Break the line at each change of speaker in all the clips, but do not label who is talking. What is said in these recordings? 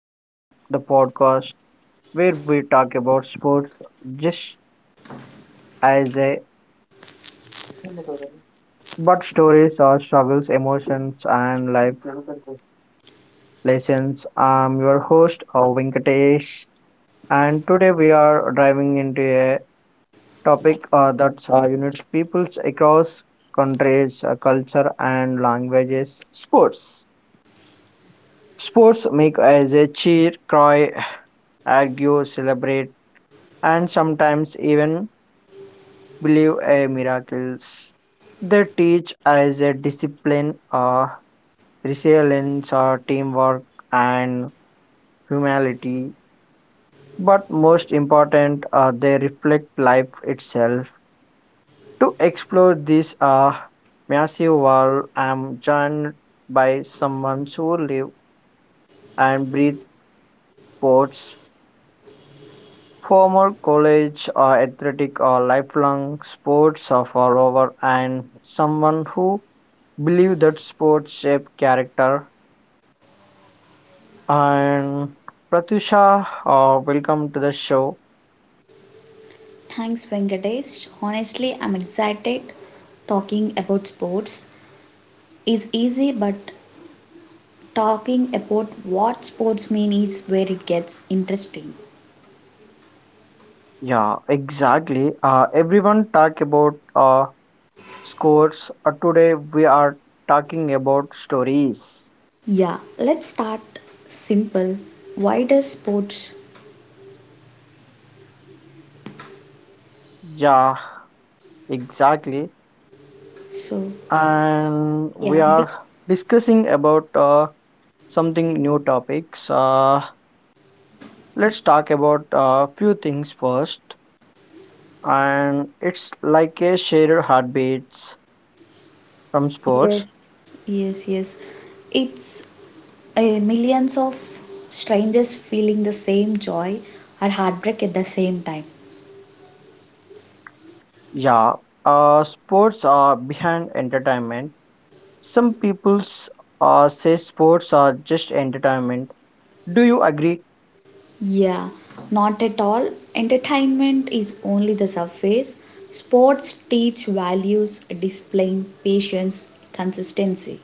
the Game, the podcast where we talk about sports just as a but stories or struggles, emotions and life lessons. I'm your host Venkatesh, and today we are diving into a topic that unites peoples across countries, culture and languages. Sports. Sports make us a cheer, cry, argue, celebrate and sometimes even believe in miracles. They teach us a discipline, resilience, teamwork, and humility. But most important, they reflect life itself. To explore this massive world, I'm joined by someone who live and breathe sports. Former college or athletic or lifelong sports or follower, and someone who believe that sports shape character. And Pratusha, welcome to the show.
Thanks, Venkatesh. Honestly, I'm excited. Talking about sports is easy, but talking about what sports mean is where it gets interesting.
Yeah, exactly. Everyone talk about scores. Today we are talking about stories.
Yeah, let's start simple. Why does sports?
Yeah, exactly.
So,
And we
yeah, big.
are discussing about something new topics. Let's talk about a few things first. And it's like a shared heartbeats from
Yes,
sports.
yes, yes. It's uh, millions of strangers feeling the same joy or heartbreak at the same time.
Yeah, sports are behind entertainment. Some people's say sports are just entertainment. Do you agree?
Yeah, not at all. Entertainment is only the surface. Sports teach values, displaying patience, consistency.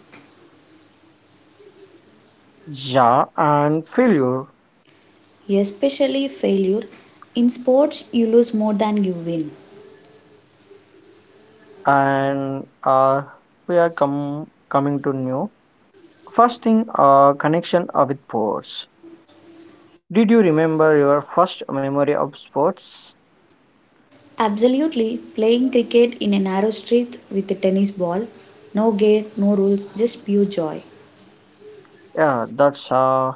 Yeah, and failure.
Especially failure. In sports, you lose more than you win.
And we are coming to new. First thing, connection with sports. Did you remember your first memory of sports?
Absolutely, playing cricket in a narrow street with a tennis ball, no gear, no rules, just pure joy.
Yeah, that's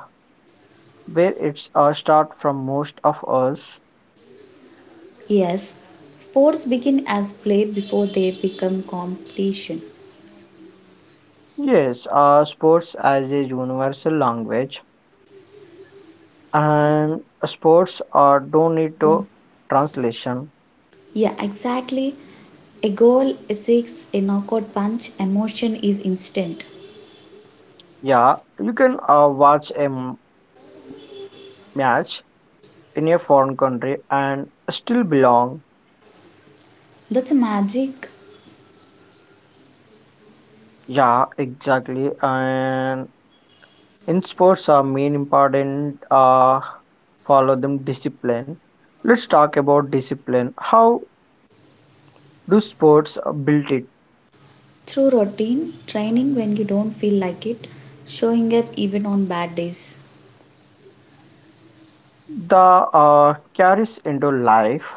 where it's start from most of us.
Yes, sports begin as play before they become competition.
Yes, sports as a universal language and sports don't need to translation.
Yeah, exactly. A goal, a six, a knockout punch, emotion is instant.
Yeah, you can watch a match in a foreign country and still belong.
That's a magic
Yeah, exactly. And in sports are main important, follow them discipline. Let's talk about discipline. How do sports build it?
through routine, training when you don't feel like it, showing up even on bad days.
The carries into life.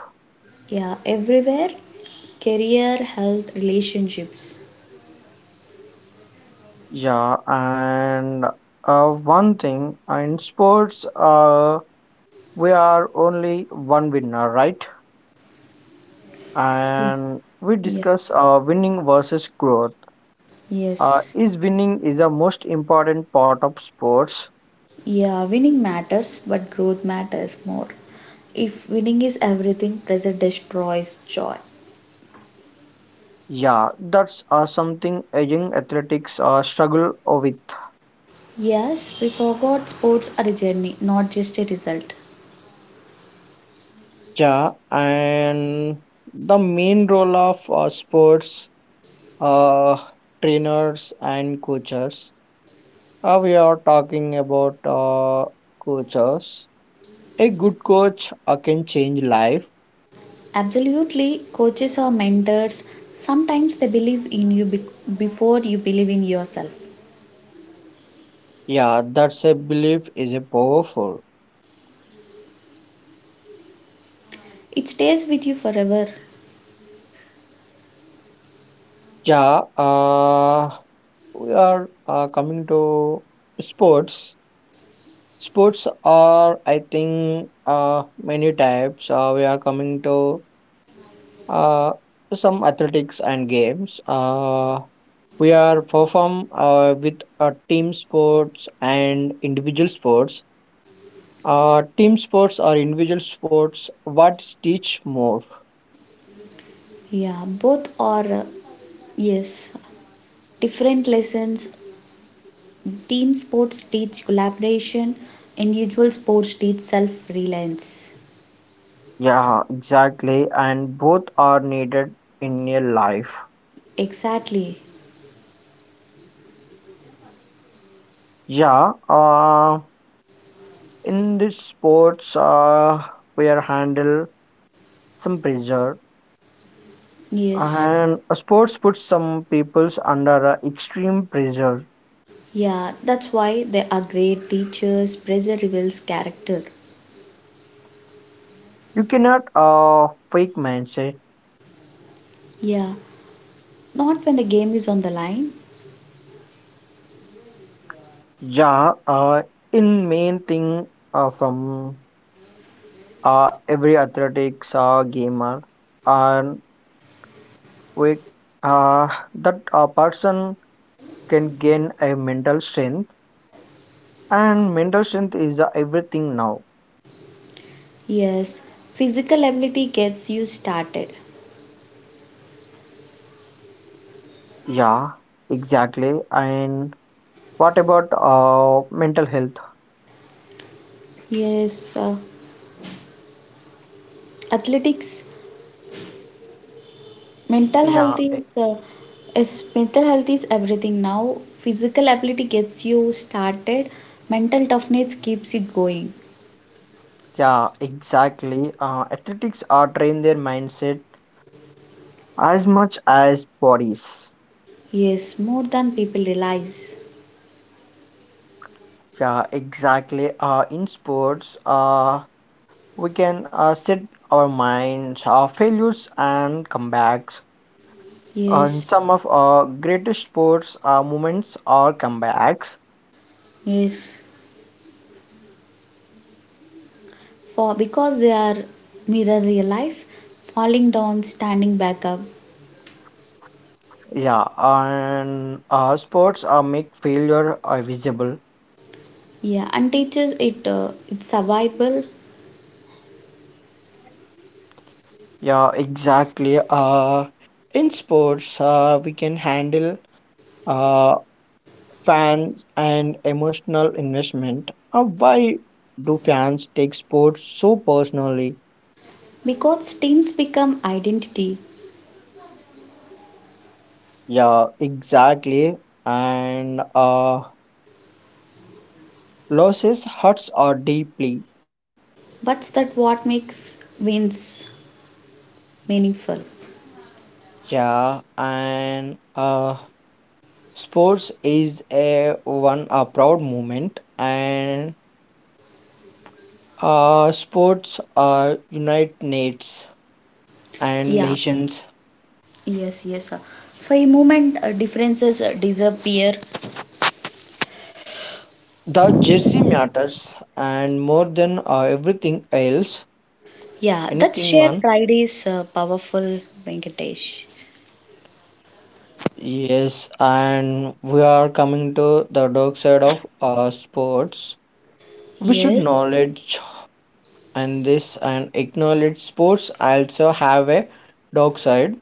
Yeah, everywhere career, health, relationships.
Yeah, and one thing in sports, we are only one winner, right? And we
Yeah.
discuss winning versus growth.
Yes.
Is winning is the most important part of sports?
Yeah, winning matters, but growth matters more. If winning is everything, pressure destroys joy.
Yeah, that's something a young athletics struggle with.
Yes, we forgot sports are a journey, not just a result.
Yeah, and the main role of sports uh, trainers and coaches. We are talking about coaches. A good coach can change life.
Absolutely, coaches or mentors sometimes they believe in you before you believe in yourself.
Yeah, that self-belief is a powerful.
It stays with you forever.
Yeah, we are coming to sports. Sports are, I think, many types. We are coming to uh, some athletics and games. We are perform with team sports and individual sports. Team sports or individual sports, what teach more?
Yeah, both are yes, different lessons. Team sports teach collaboration, individual sports teach self-reliance.
Yeah, exactly. And both are needed in your life.
Exactly.
Yeah, in this sports, we are handle some pressure,
Yes.
and a sports puts some peoples under extreme pressure.
Yeah, that's why they are great teachers. Pressure reveals character.
You cannot fake mindset.
Yeah, not when the game is on the line.
Yeah, in main thing from every athletics gamer, and we that person can gain a mental strength, and mental strength is everything now.
Yes, physical ability gets you started.
Yeah, exactly. And what about mental health?
Yes, athletics, mental
yeah
health
e-
is mental health is everything now. Physical ability gets you started. Mental toughness keeps you going.
yeah, exactly. Athletics are train their mindset as much as bodies.
Yes, more than people realize.
Yeah, exactly. In sports, we can set our minds our failures and comebacks, and
Yes,
some of our greatest sports moments are comebacks.
yes. For because they are mirror real life, falling down, standing back up.
Yeah, and sports make failure visible.
Yeah, and teaches it, it's survival
Yeah, exactly. In sports, we can handle uh, fans and emotional investment. Why do fans take sports so personally?
because teams become identity.
Yeah, exactly. And losses hurts are deeply.
But that what makes wins meaningful.
Yeah, and sports is a one a proud moment, and sports unite nates and
Yeah,
nations.
yes, yes. For a moment, differences disappear.
The jersey matters, and more than everything else,
Yeah, that
anything
shared
one.
pride is powerful, Venkatesh.
Yes, and we are coming to the dark side of sports. We should
Yes,
knowledge and this and acknowledge sports also have a dark side.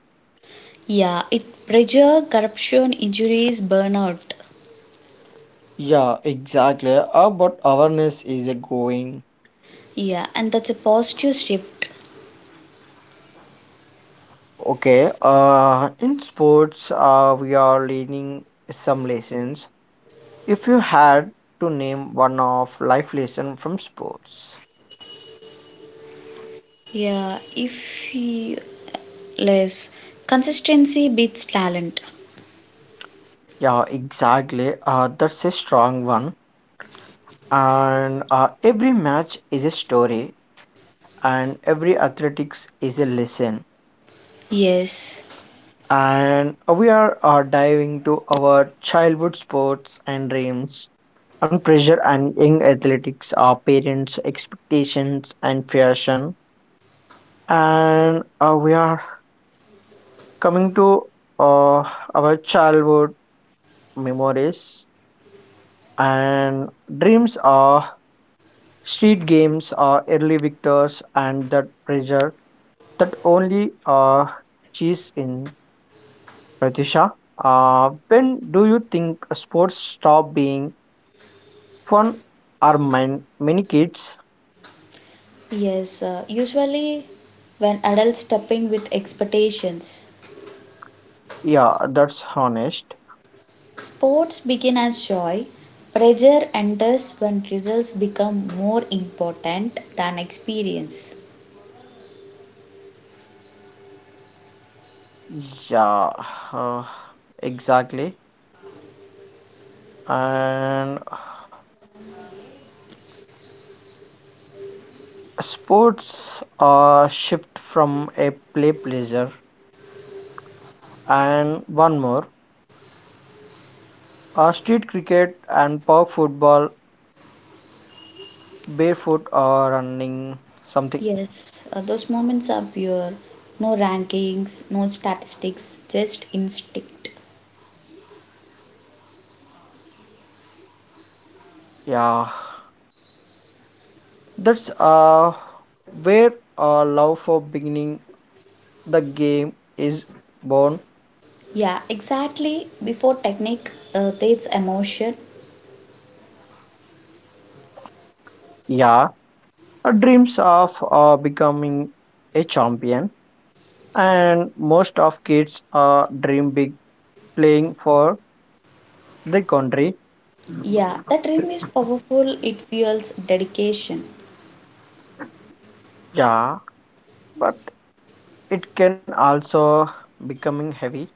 yeah, it pressure, corruption, injuries, burnout.
Yeah, exactly. But awareness is a going.
Yeah, and that's a positive shift.
Okay, in sports, we are learning some lessons. If you had to name one of life lesson from sports,
Yeah, if you less consistency beats talent.
yeah, exactly. That's a strong one. And every match is a story, and every athletics is a lesson.
Yes.
And we are diving to our childhood sports and dreams, and pressure and young athletics, our parents' expectations and fashion. And we are coming to uh, our childhood memories and dreams are street games are early victors and that pressure that only cheese in Pratisha. When do you think sports stop being fun or many kids?
Yes, usually when adults step in with expectations,
Yeah, that's honest.
sports begin as joy. Pressure enters when results become more important than experience.
Yeah, uh, exactly. And sports shift from a play pleasure, and one more, street cricket and park football, barefoot or running something.
Yes, those moments are pure. No rankings, no statistics, just instinct.
Yeah, that's where love for beginning the game is born.
Yeah, exactly. Before technique, there's emotion.
Yeah, our dreams of becoming a champion, and most of kids dream big playing for the country.
Yeah, the dream is powerful, it fuels dedication.
Yeah, but it can also becoming heavy.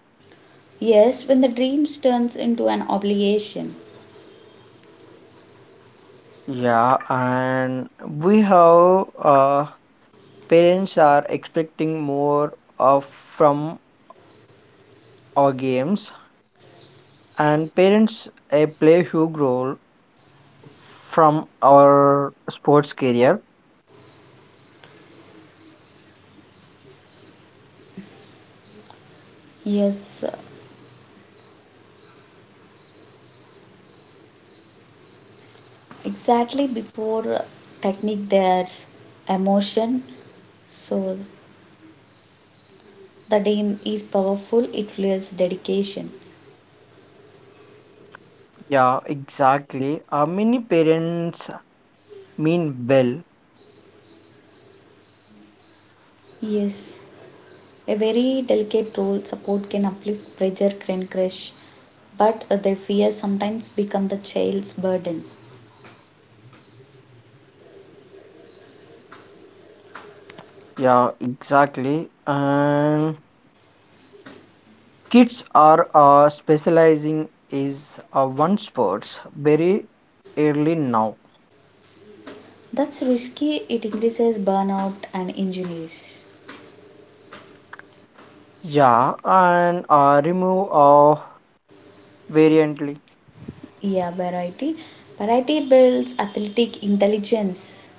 Yes, when the dreams turns into an obligation.
Yeah, and we have parents are expecting more of from our games, and parents play huge role from our sports career.
Yes, exactly before technique there's emotion. So the name is powerful, it fuels dedication.
Yeah, exactly. Many parents mean well.
Yes, a very delicate role support can uplift pressure can crush, but their fear sometimes become the child's burden.
Yeah, exactly. And kids are specializing is one sports very early now.
That's risky, it increases burnout and injuries.
Yeah, and remove variantly.
Yeah, variety. Variety builds athletic intelligence.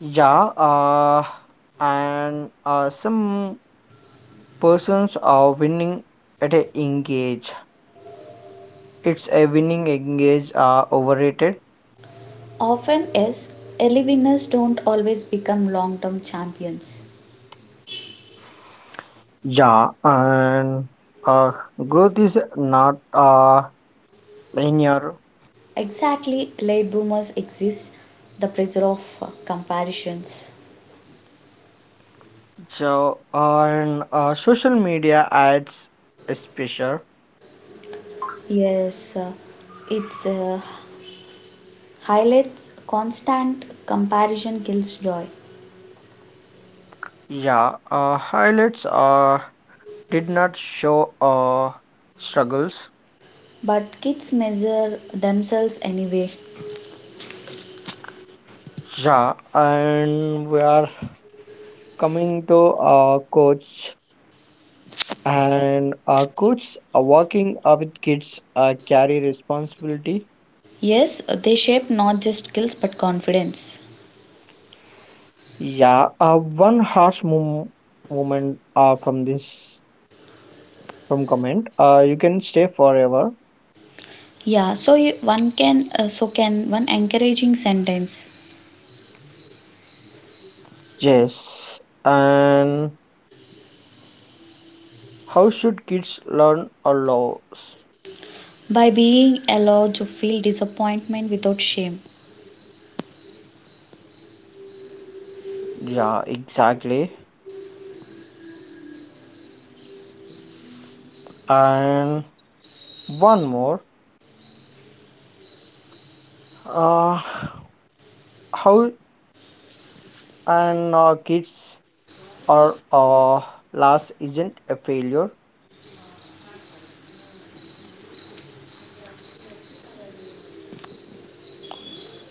Yeah, and some persons are winning at a engage. It's a winning engage overrated.
Often is early winners don't always become long term champions.
Yeah, and uh, growth is not linear.
Exactly, late bloomers exist the pressure of comparisons.
So and social media adds a pressure.
Yes, it's highlights constant comparison kills joy.
Yeah, highlights did not show struggles.
But kids measure themselves anyway.
Yeah, and we are coming to coach and coach working with kids carry responsibility.
Yes, they shape not just skills but confidence.
Yeah, one harsh moment from this from comment. You can stay forever.
Yeah, so you, one can so can one encouraging sentence
Yes, and how should kids learn or laws?
by being allowed to feel disappointment without shame.
Yeah, exactly. And one more, uh, how and kids are last isn't a failure.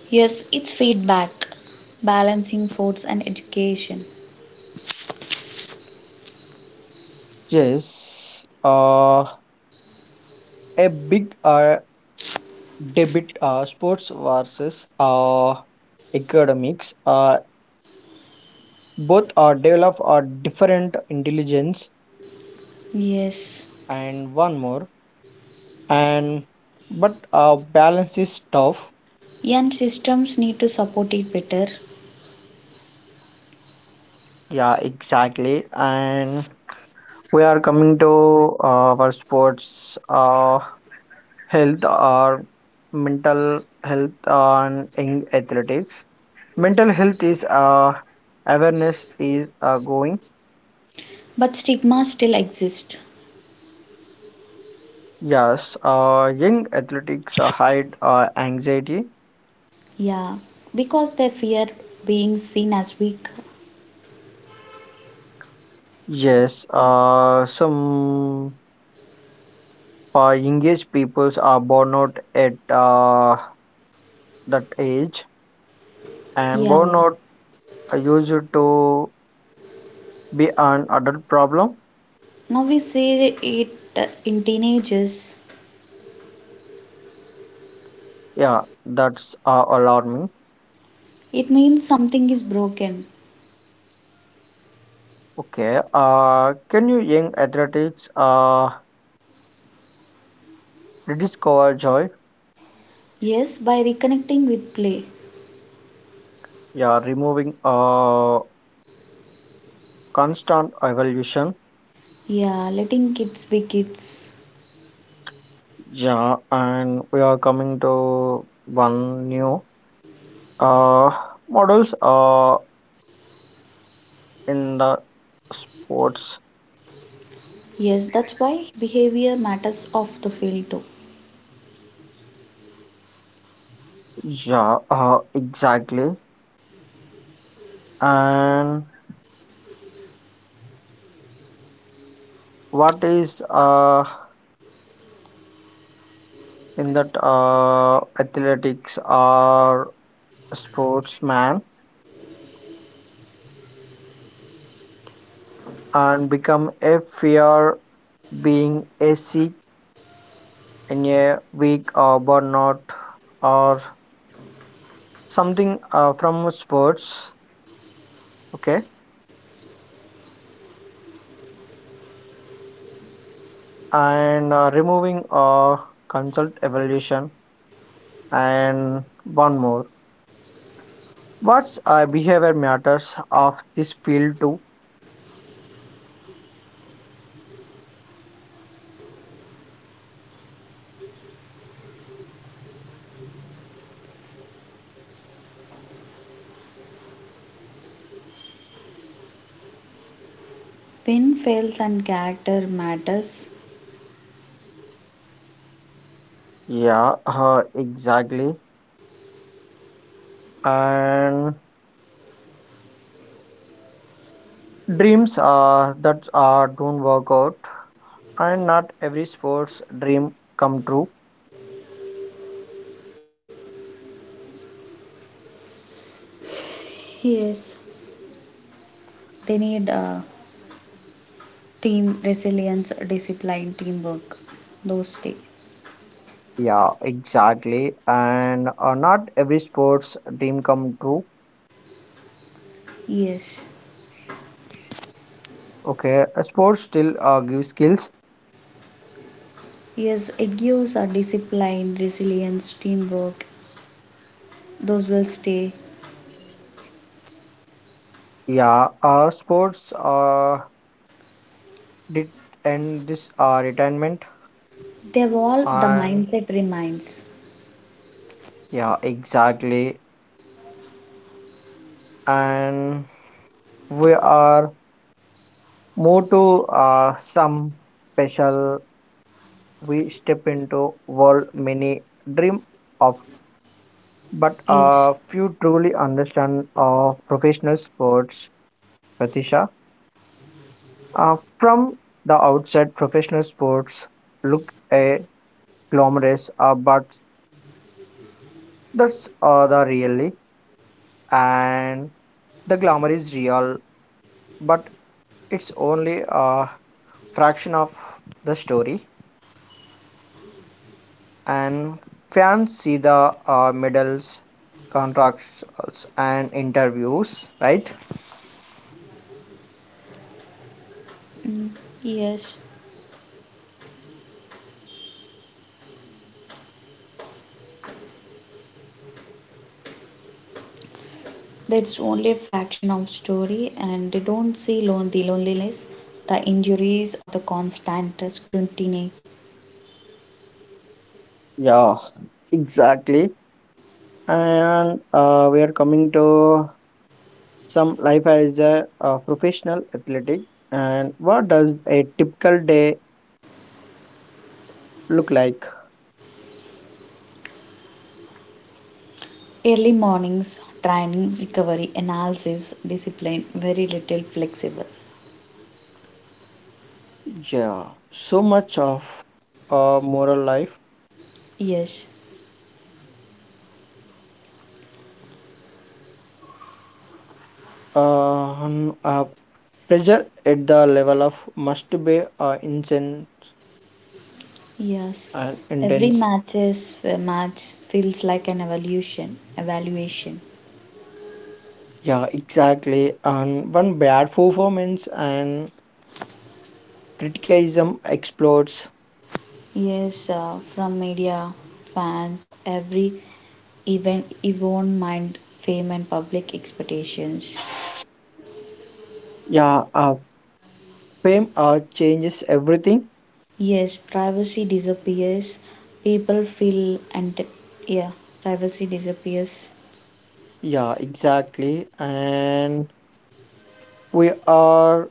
Yes, it's feedback, balancing force and education.
Yes, a big debit sports versus academics, both are develop a different intelligence,
Yes,
and one more, and but balance is tough.
and systems need to support it better,
Yeah, exactly. And we are coming to our sports health or mental health, and in athletics mental health is awareness is going.
but stigma still exists.
Yes, young athletics hide anxiety.
Yeah, because they fear being seen as weak.
Yes, some engaged peoples are born out at that age, and
Yeah,
born out are used to be an adult problem.
now we see it in teenagers.
Yeah, that's alarming.
It means something is broken.
Okay. Can you young athletics rediscover joy?
Yes, by reconnecting with play.
Yeah, removing constant evolution.
Yeah, letting kids be kids.
Yeah, and we are coming to one new uh, models in the sports.
Yes, that's why behavior matters off the field too.
Yeah, exactly. And what is in that athletics or sportsman? And become a fear being a sick and a weak or burnout or something from sports. Okay, and removing consult evaluation, and one more, what's behavior matters of this field too.
When fails and character matters,
Yeah, exactly. And dreams that don't work out, and not every sports dream come true.
yes, they need team resilience, discipline, teamwork. Those things.
Yeah, exactly. And not every sports dream come true.
Yes.
Okay, sports still give skills.
Yes, it gives a discipline, resilience, teamwork. Those will stay.
Yeah, sports did end this retirement.
They evolve, the
And
mindset remains.
yeah, exactly. And we are more to some special. We step into world many dream of, but
Yes.
few truly understand professional sports. Pratisha. From the outset, professional sports look a glamorous, but that's the really, and the glamour is real, but it's only a fraction of the story. And fans see the medals, contracts, and interviews, right?
Mm, yes. That's only a fraction of story and they don't see the loneliness, the injuries or the constant scrutiny.
Yeah, exactly. And we are coming to some life as a, professional athletic, and what does a typical day look like?
Early mornings, training, recovery, analysis, discipline, very little flexible.
Yeah, so much of moral life,
Yes,
uh, on, pressure at the level of must be insane
yes.
and
Every
intense.
match feels like an evaluation. Evaluation.
Yeah, exactly. And one bad performance and criticism explodes.
Yes, from media, fans, every event, even mind, fame, and public expectations.
Yeah, fame changes everything.
Yes, privacy disappears. People feel and yeah, privacy disappears.
Yeah, exactly. And we are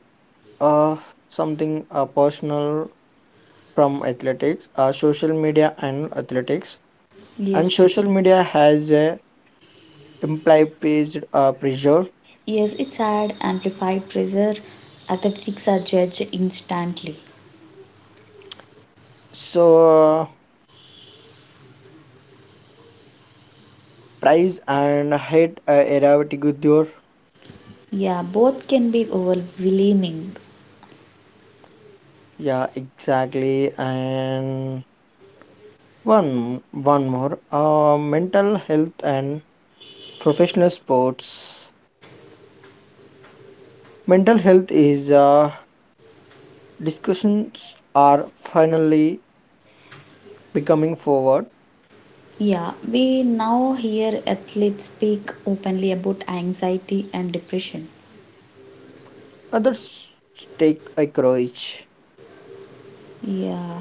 Uh, something personal from athletics, social media and athletics. And
Yes.
social media has a implied page pressure.
Yes, it's add amplified pressure. Athletics are judged instantly.
So, price and hate era with.
Yeah, both can be overwhelming.
Yeah, exactly. And one more. Mental health and professional sports. Mental health is discussions are finally becoming forward.
Yeah, we now hear athletes speak openly about anxiety and depression.
Others take a courage.
Yeah,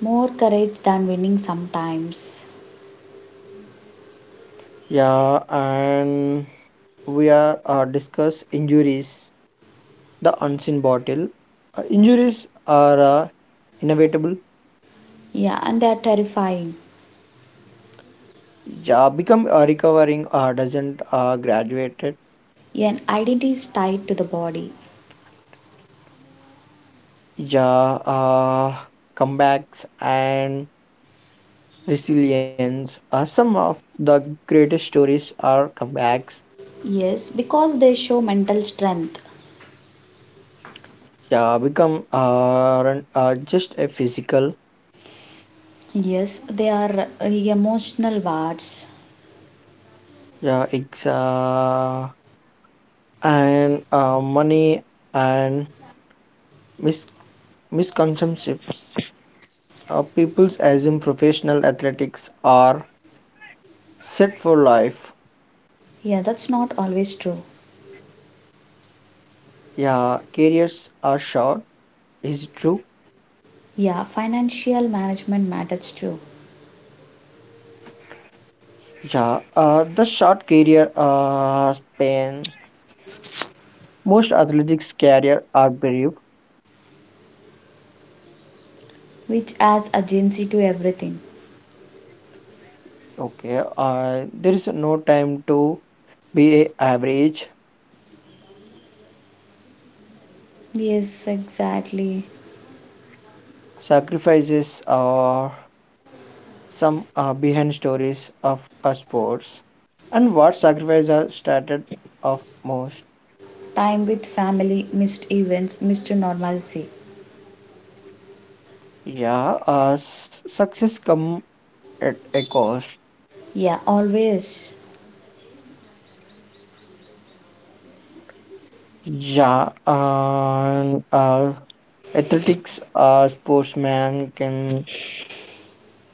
more courage than winning sometimes.
Yeah, and we are discuss injuries. The unseen battle. Injuries are inevitable.
Yeah, and they're terrifying.
Yeah, become recovering doesn't graduated.
Yeah, and identity is tied to the body.
Yeah, comebacks and resilience are some of the greatest stories are comebacks.
Yes, because they show mental strength.
Yeah, become aren't, just a physical.
Yes, they are emotional wards.
Yeah, it's and money and mis- misconceptions. People assume professional athletics are set for life.
Yeah, that's not always true.
Yeah, careers are short. Is it true?
Yeah, financial management matters too,
Yeah, the short career span. Most athletics career are brief.
which adds urgency to everything.
Okay, there is no time to be a average.
Yes, exactly.
Sacrifices are some behind stories of our sports, and what sacrifices are started of most.
Time with family, missed events, missed normalcy.
Yeah, success come at a cost.
Yeah, always.
Yeah, and athletics sportsmen can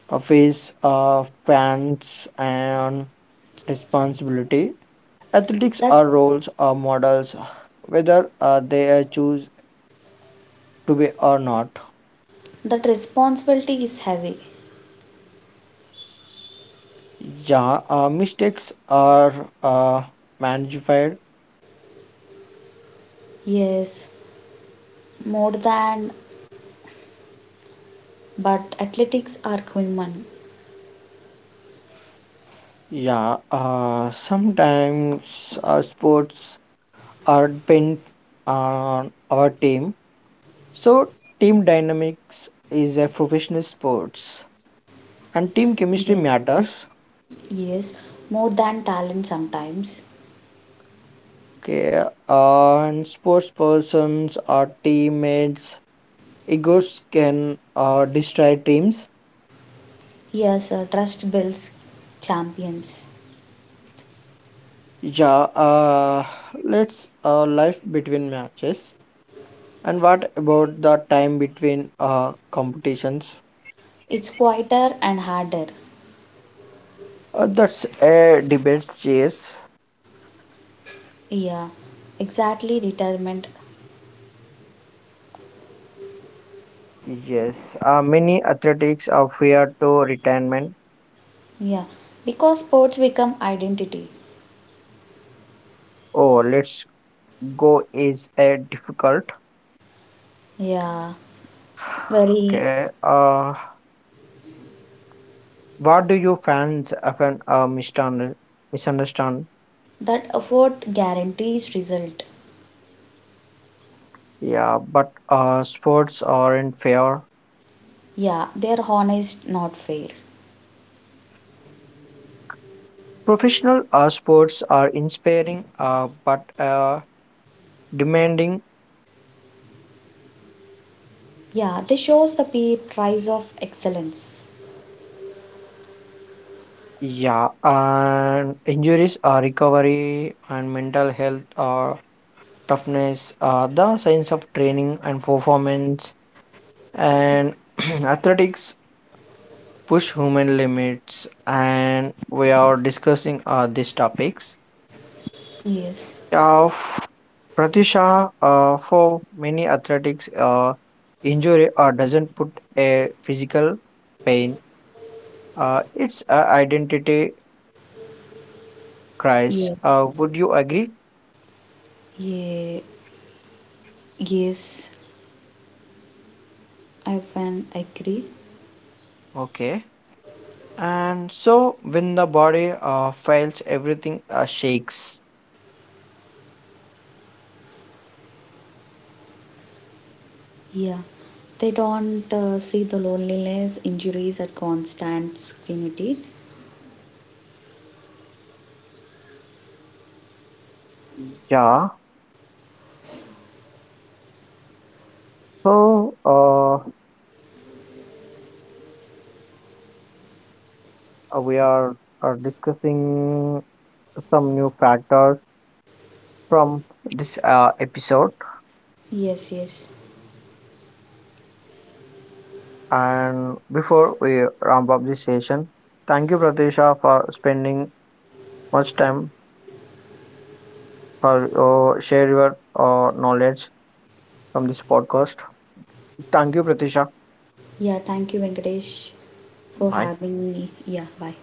face fans and responsibility. Athletics
That
are roles or models, whether they choose to be or not.
that responsibility is heavy.
Yeah, mistakes are uh, magnified.
Yes, more than but athletics are human.
Yeah, sometimes sports are depend on our team. So team dynamics is a professional sports, and team chemistry
Yeah.
matters.
Yes, more than talent sometimes.
Okay, and sports persons or teammates' egos can destroy teams.
Yes, trust builds champions.
Yeah, let's life between matches. And what about the time between competitions?
It's quieter and harder.
That's a debate, chase.
Yeah, exactly. Retirement,
Yes, many athletics are fear to retirement.
yeah, because sports become identity.
Oh, let's go is a difficult.
Yeah, very
Okay. What do you fans often misunderstand? Misunderstand?
that effort guarantees result.
Yeah, but sports aren't fair.
Yeah, they're honest, not fair.
Professional sports are inspiring, but demanding.
Yeah, this shows the pay price of excellence.
Yeah, and injuries, recovery, and mental health, toughness, the science of training and performance, and athletics push human limits. And we are discussing these topics.
Yes.
Uh, Pratisha, for many athletics, injury doesn't put a physical pain. It's a identity crisis.
Yeah.
Would you agree?
Yeah. Yes, I can agree.
Okay. And so, when the body fails, everything shakes.
Yeah, they don't see the loneliness, injuries, at constant scrutiny.
Yeah, so we are discussing some new factors from this episode.
Yes. Yes.
And before we ramp up this session, thank you, Pratisha, for spending much time for share your knowledge from this podcast. Thank you, Pratisha.
Yeah. Thank you, Venkatesh, for
Bye.
having me. Yeah. Bye.